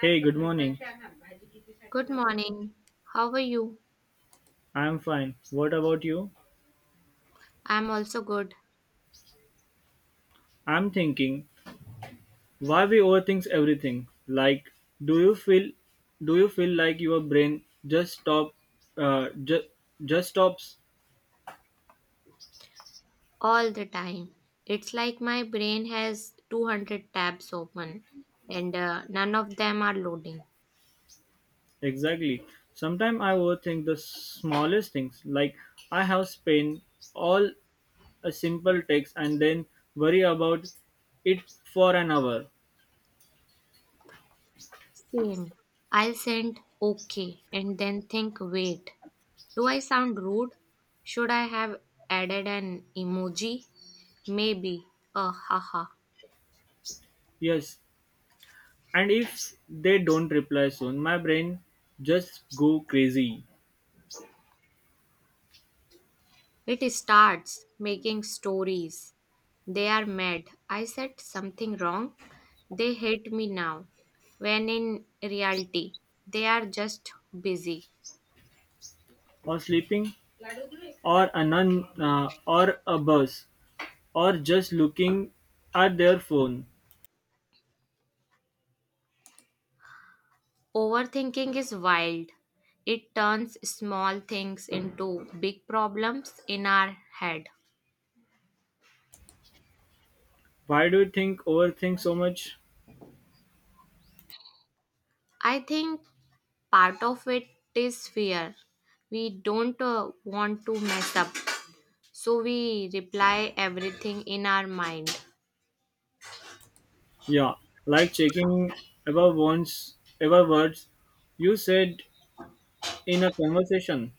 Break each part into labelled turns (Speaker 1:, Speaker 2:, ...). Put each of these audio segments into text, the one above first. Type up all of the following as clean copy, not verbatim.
Speaker 1: Hey, good morning.
Speaker 2: Good morning. How are you?
Speaker 1: I'm fine. What about you?
Speaker 2: I'm also good
Speaker 1: I'm thinking why we overthink everything. Like, do you feel do you feel like your brain just stop uh, just just stops
Speaker 2: all the time. It's like my brain has 200 tabs open and none of them are loading.
Speaker 1: exactly. Sometimes I overthink the smallest things. Like I have spent all a simple text and then worry about it for an hour.
Speaker 2: Same. I'll send okay and then think wait. Do I sound rude? Should I have added an emoji? Maybe. Haha.
Speaker 1: Yes, and if they don't reply soon, my brain just go crazy,
Speaker 2: It starts making stories. They are mad. I said something wrong. They hate me now. When in reality, they are just busy.
Speaker 1: or sleeping, or a nun, or a bus, or just looking at their phone.
Speaker 2: Overthinking is wild. It turns small things into big problems in our head.
Speaker 1: Why do you think overthink so much?
Speaker 2: I think part of it is fear. We don't want to mess up, so we reply everything in our mind.
Speaker 1: Yeah, like checking ever once, ever words you said in a conversation.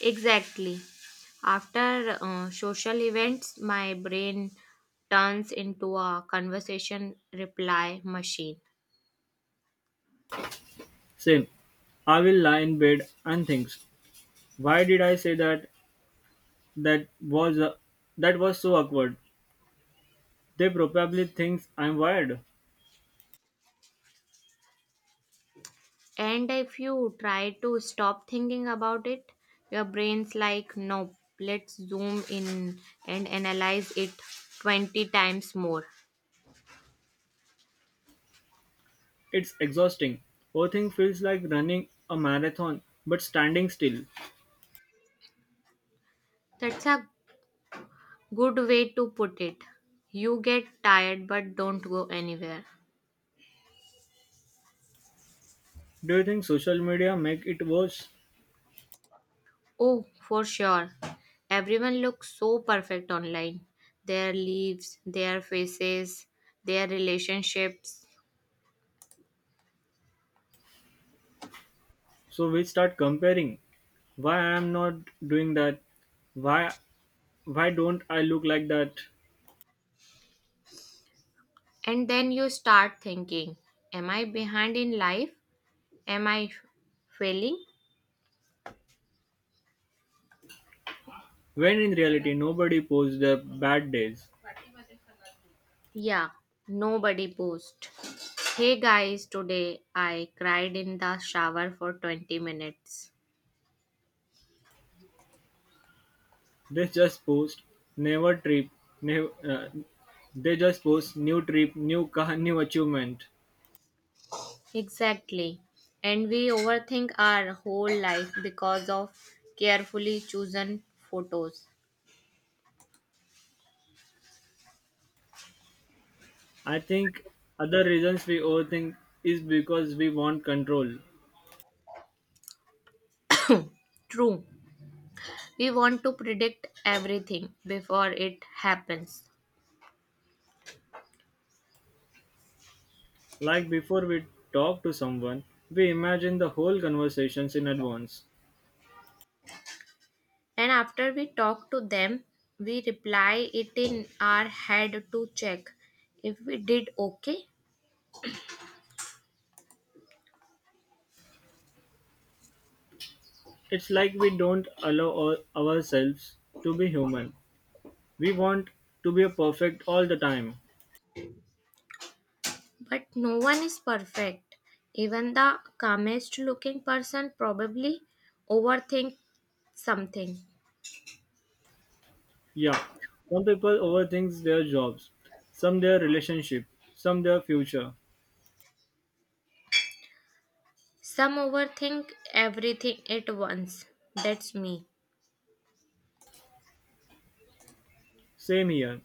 Speaker 2: Exactly. After social events, my brain turns into a conversation reply machine.
Speaker 1: Same. I will lie in bed and think, why did I say that? That was uh, that was so awkward. They probably think I'm wired.
Speaker 2: And if you try to stop thinking about it, your brain's like, nope, let's zoom in and analyze it 20 times more.
Speaker 1: It's exhausting. Everything feels like running a marathon but standing still.
Speaker 2: That's a good way to put it. You get tired but don't go anywhere.
Speaker 1: Do you think social media make it worse?
Speaker 2: Oh, for sure. Everyone looks so perfect online. Their lives, their faces, their relationships.
Speaker 1: So we start comparing. Why I am not doing that? Why why don't I look like that?
Speaker 2: And then you start thinking, am I behind in life? Am I f- failing?
Speaker 1: When in reality nobody posts their bad days.
Speaker 2: Yeah, nobody post. Hey guys, today I cried in the shower for 20 minutes.
Speaker 1: They just post never trip, never, they just post new trip, new car, new achievement.
Speaker 2: Exactly. And we overthink our whole life because of carefully chosen photos.
Speaker 1: I think other reasons we overthink is because we want control.
Speaker 2: True. We want to predict everything before it happens.
Speaker 1: Like before we talk to someone, we imagine the whole conversations in advance.
Speaker 2: And after we talk to them, we reply it in our head to check if we did okay.
Speaker 1: It's like we don't allow ourselves to be human. We want to be perfect all the time.
Speaker 2: But no one is perfect. Even the calmest looking person probably overthink something.
Speaker 1: Yeah, some people overthink their jobs, some their relationship, some their future.
Speaker 2: Some overthink everything at once. That's me.
Speaker 1: Same here.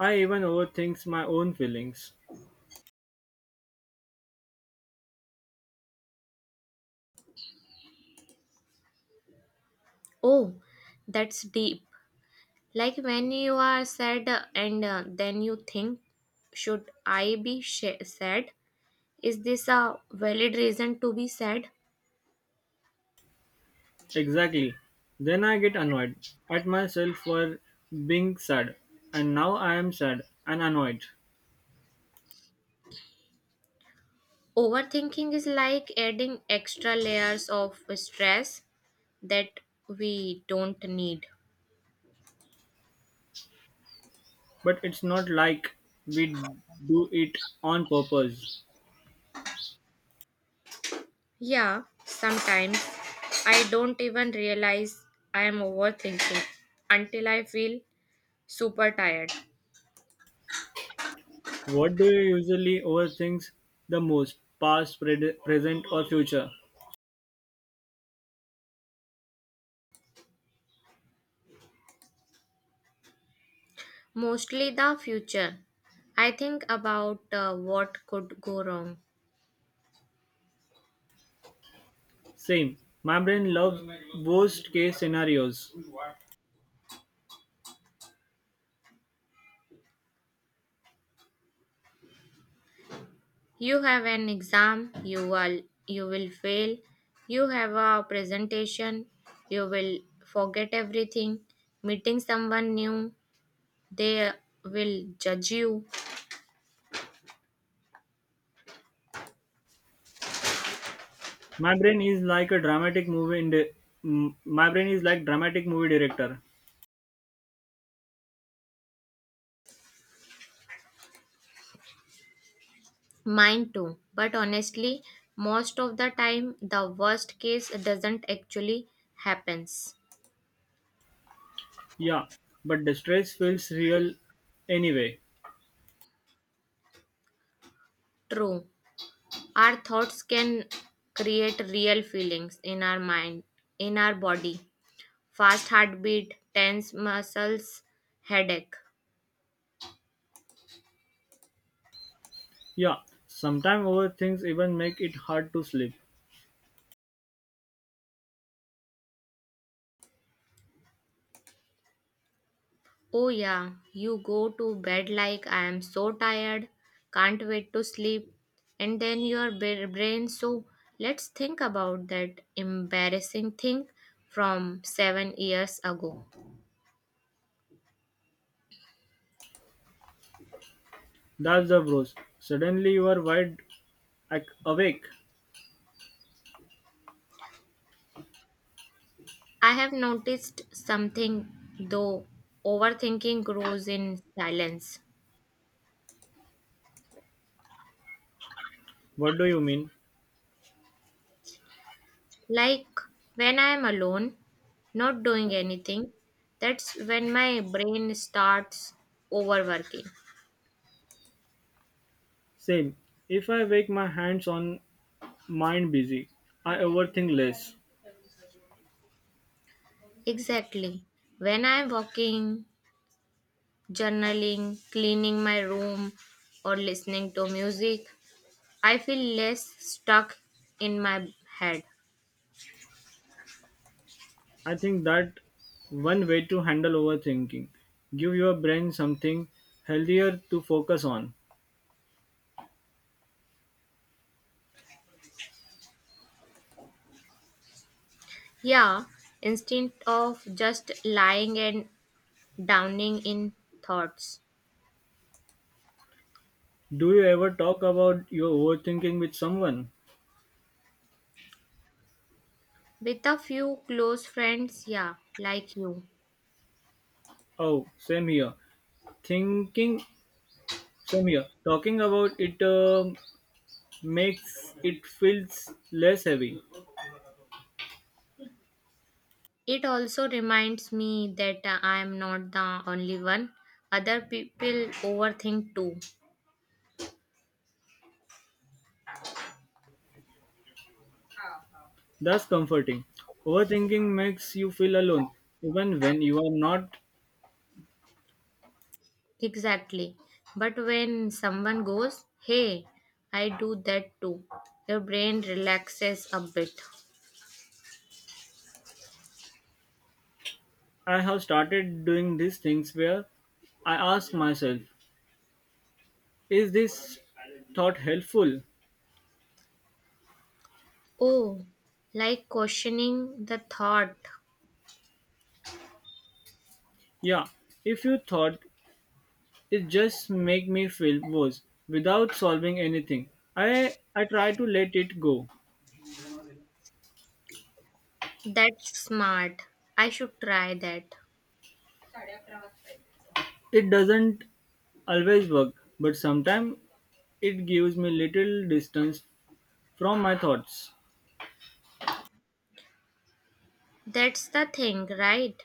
Speaker 1: I even overthink my own feelings.
Speaker 2: Oh, that's deep. Like when you are sad and then you think, should I be sh- sad? Is this a valid reason to be sad?
Speaker 1: Exactly. Then I get annoyed at myself for being sad, and now I am sad and annoyed.
Speaker 2: Overthinking is like adding extra layers of stress that we don't need.
Speaker 1: But it's not like we do it on purpose.
Speaker 2: Yeah, sometimes I don't even realize I am overthinking until I feel super tired.
Speaker 1: What do you usually overthink the most? Past, present, or future?
Speaker 2: Mostly the future. I think about what could go wrong.
Speaker 1: Same. My brain loves worst case scenarios.
Speaker 2: You have an exam, you will fail. You have a presentation, you will forget everything. Meeting someone new, they will judge you.
Speaker 1: My brain is like a dramatic movie. My brain is like dramatic movie director.
Speaker 2: Mine too. But honestly, most of the time the worst case doesn't actually happens.
Speaker 1: Yeah, but the stress feels real anyway.
Speaker 2: True. Our thoughts can create real feelings in our mind, in our body. Fast heartbeat, tense muscles, headache.
Speaker 1: Yeah, sometimes overthinks even make it hard to sleep.
Speaker 2: Oh, yeah, you go to bed like I am so tired, can't wait to sleep, and then your brain. So, let's think about that embarrassing thing from 7 years ago.
Speaker 1: That's the bros. Suddenly you are wide awake.
Speaker 2: I have noticed something though overthinking grows in silence.
Speaker 1: What do you mean?
Speaker 2: Like when I am alone, not doing anything, that's when my brain starts overworking.
Speaker 1: Same. If I wake my hands on mind busy, I overthink less.
Speaker 2: Exactly. When I'm walking, journaling, cleaning my room, or listening to music, I feel less stuck in my head.
Speaker 1: I think that one way to handle overthinking. Give your brain something healthier to focus on.
Speaker 2: Yeah, instead of just lying and drowning in thoughts.
Speaker 1: Do you ever talk about your overthinking with someone?
Speaker 2: With a few close friends, yeah, like you.
Speaker 1: Oh, same here. Thinking, same here. Talking about it makes it feels less heavy.
Speaker 2: It also reminds me that I am not the only one. Other people overthink too.
Speaker 1: That's comforting. Overthinking makes you feel alone, even when you are not.
Speaker 2: Exactly. But when someone goes, hey, I do that too, your brain relaxes a bit.
Speaker 1: I have started doing these things where I ask myself, is this thought helpful?
Speaker 2: Oh, like questioning the thought.
Speaker 1: Yeah, if you thought it just make me feel worse without solving anything. I try to let it go.
Speaker 2: That's smart. I should try that.
Speaker 1: It doesn't always work, but sometimes it gives me little distance from my thoughts.
Speaker 2: That's the thing, right?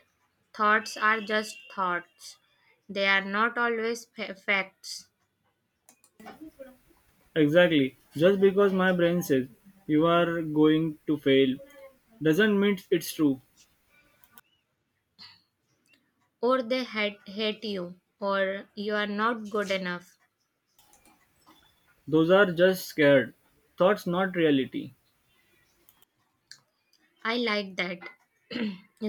Speaker 2: Thoughts are just thoughts. They are not always facts.
Speaker 1: Exactly. Just because my brain says you are going to fail doesn't mean it's true.
Speaker 2: Or they hate, hate you, or you are not good enough.
Speaker 1: Those are just scared thoughts, not reality.
Speaker 2: I like that.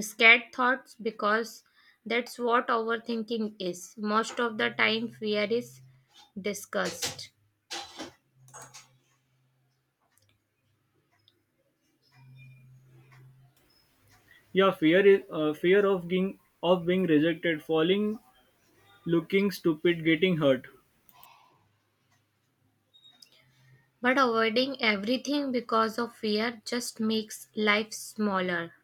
Speaker 2: Scared thoughts because that's what overthinking is. Most of the time, fear is discussed.
Speaker 1: Yeah, fear of being rejected, falling, looking stupid, getting hurt.
Speaker 2: But avoiding everything because of fear just makes life smaller.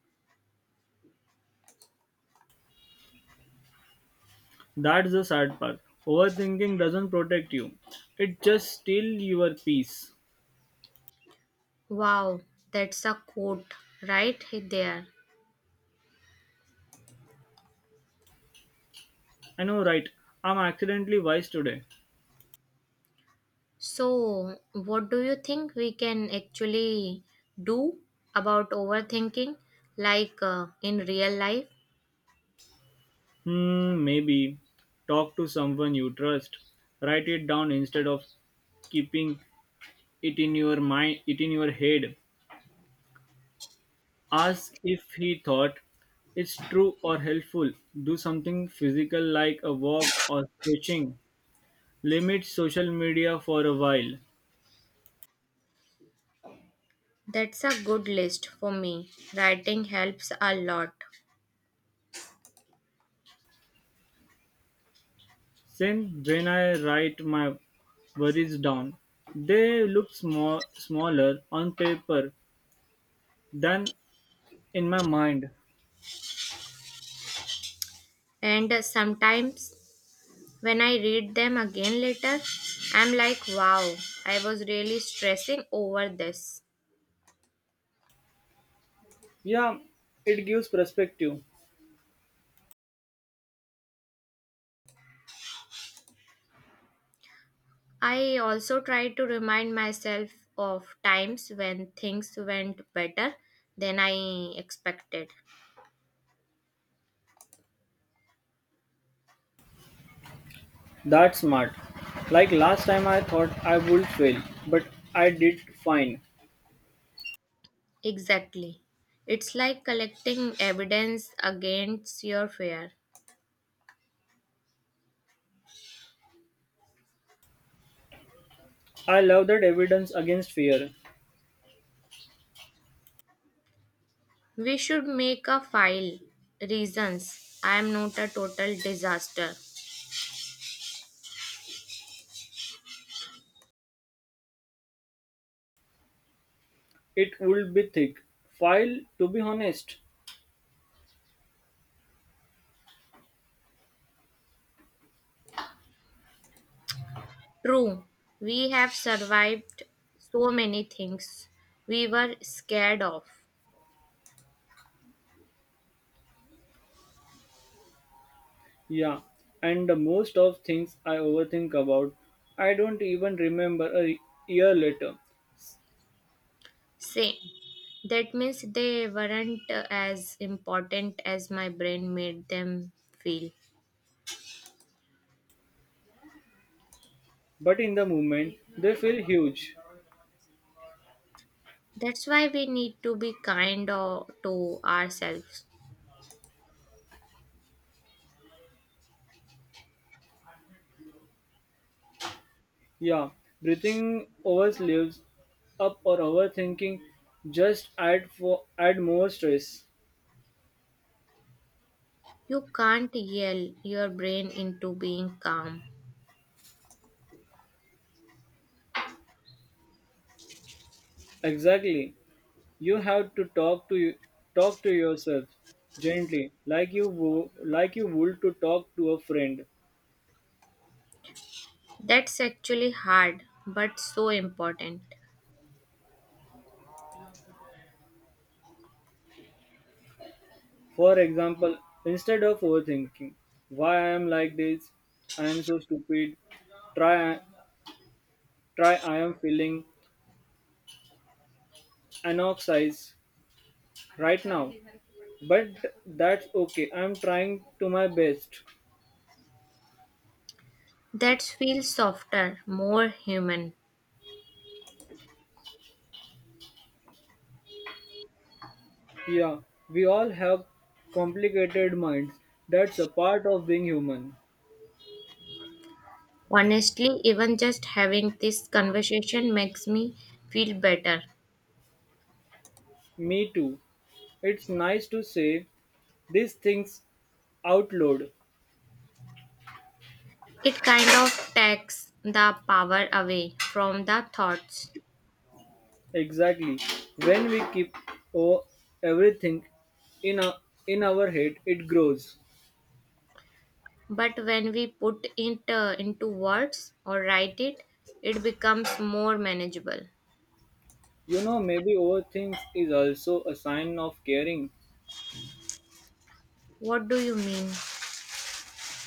Speaker 1: That's the sad part. Overthinking doesn't protect you; it just steals your peace.
Speaker 2: Wow, that's a quote right there.
Speaker 1: I know, right? I'm accidentally wise today.
Speaker 2: So, what do you think we can actually do about overthinking, like in real life?
Speaker 1: Hmm, maybe talk to someone you trust. Write it down instead of keeping it in your mind, it in your head. Ask if he thought it's true or helpful. Do something physical like a walk or stretching. Limit social media for a while.
Speaker 2: That's a good list for me. Writing helps a lot.
Speaker 1: Then, when I write my worries down, they look small, smaller on paper than in my mind.
Speaker 2: And sometimes when I read them again later, I'm like, wow, I was really stressing over this.
Speaker 1: Yeah, it gives perspective.
Speaker 2: I also try to remind myself of times when things went better than I expected.
Speaker 1: That's smart. Like last time, I thought I would fail, but I did fine.
Speaker 2: Exactly. It's like collecting evidence against your fear.
Speaker 1: I love that evidence against fear.
Speaker 2: We should make a file. Reasons I am not a total disaster.
Speaker 1: It would be thick. File, to be honest.
Speaker 2: True, we have survived so many things we were scared of.
Speaker 1: Yeah. And the most of things I overthink about, I don't even remember a year later.
Speaker 2: Say, that means they weren't as important as my brain made them feel.
Speaker 1: But in the moment, they feel huge.
Speaker 2: That's why we need to be to ourselves.
Speaker 1: Yeah. Breathing over sleeves up or overthinking just add for add more stress.
Speaker 2: You can't yell your brain into being calm.
Speaker 1: Exactly. You have to talk to yourself gently, like you wo- like you would to talk to a friend.
Speaker 2: That's actually hard, but so important.
Speaker 1: For example, instead of overthinking why I am like this, I am so stupid, try try I am feeling anoxize right now. But that's okay. I am trying to my best.
Speaker 2: That feels softer, more human.
Speaker 1: Yeah, we all have complicated minds. That's a part of being human.
Speaker 2: Honestly, even just having this conversation makes me feel better.
Speaker 1: Me too. It's nice to say these things out loud.
Speaker 2: It kind of takes the power away from the thoughts.
Speaker 1: Exactly. When we keep o- everything in a in our head, it grows.
Speaker 2: But when we put it into words or write it, it becomes more manageable.
Speaker 1: You know, maybe overthink is also a sign of caring.
Speaker 2: What do you mean?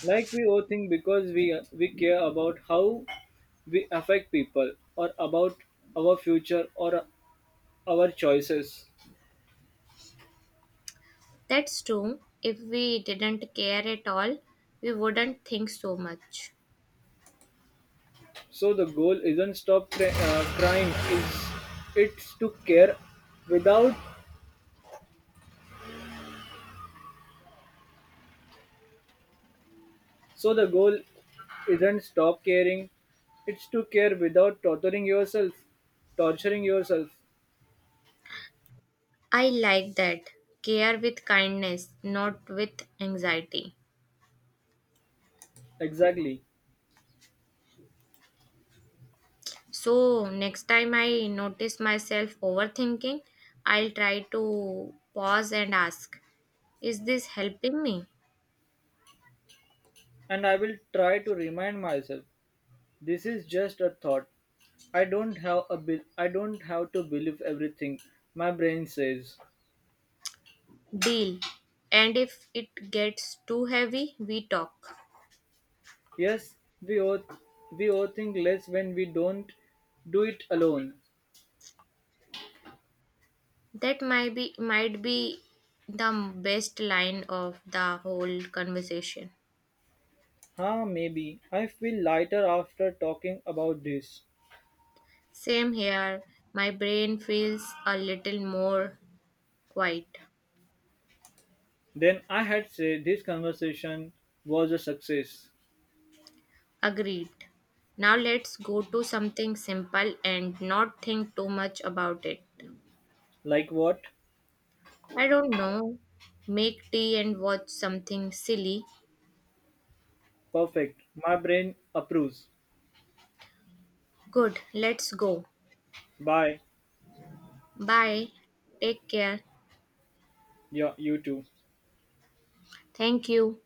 Speaker 1: Like we overthink because we care about how we affect people or about our future or our choices.
Speaker 2: That's true. If we didn't care at all, we wouldn't think so much.
Speaker 1: So the goal isn't stop cri- crying. Is it's to care without So the goal isn't stop caring, it's to care without torturing yourself. Torturing yourself.
Speaker 2: I like that. Care with kindness, not with anxiety.
Speaker 1: Exactly.
Speaker 2: So, next time I notice myself overthinking, I'll try to pause and ask, is this helping me?
Speaker 1: And I will try to remind myself this is just a thought. I don't have to believe everything my brain says.
Speaker 2: Deal. And if it gets too heavy, we talk.
Speaker 1: Yes, we all we all think less when we don't do it alone.
Speaker 2: That might be the best line of the whole conversation.
Speaker 1: Ah, maybe I feel lighter after talking about this.
Speaker 2: Same here, my brain feels a little more quiet.
Speaker 1: Then I had said this conversation was a success.
Speaker 2: Agreed. Now let's go to something simple and not think too much about it.
Speaker 1: Like what?
Speaker 2: I don't know. Make tea and watch something silly.
Speaker 1: Perfect. My brain approves.
Speaker 2: Good, let's go.
Speaker 1: Bye.
Speaker 2: Bye. Take care.
Speaker 1: Yeah, you too.
Speaker 2: Thank you.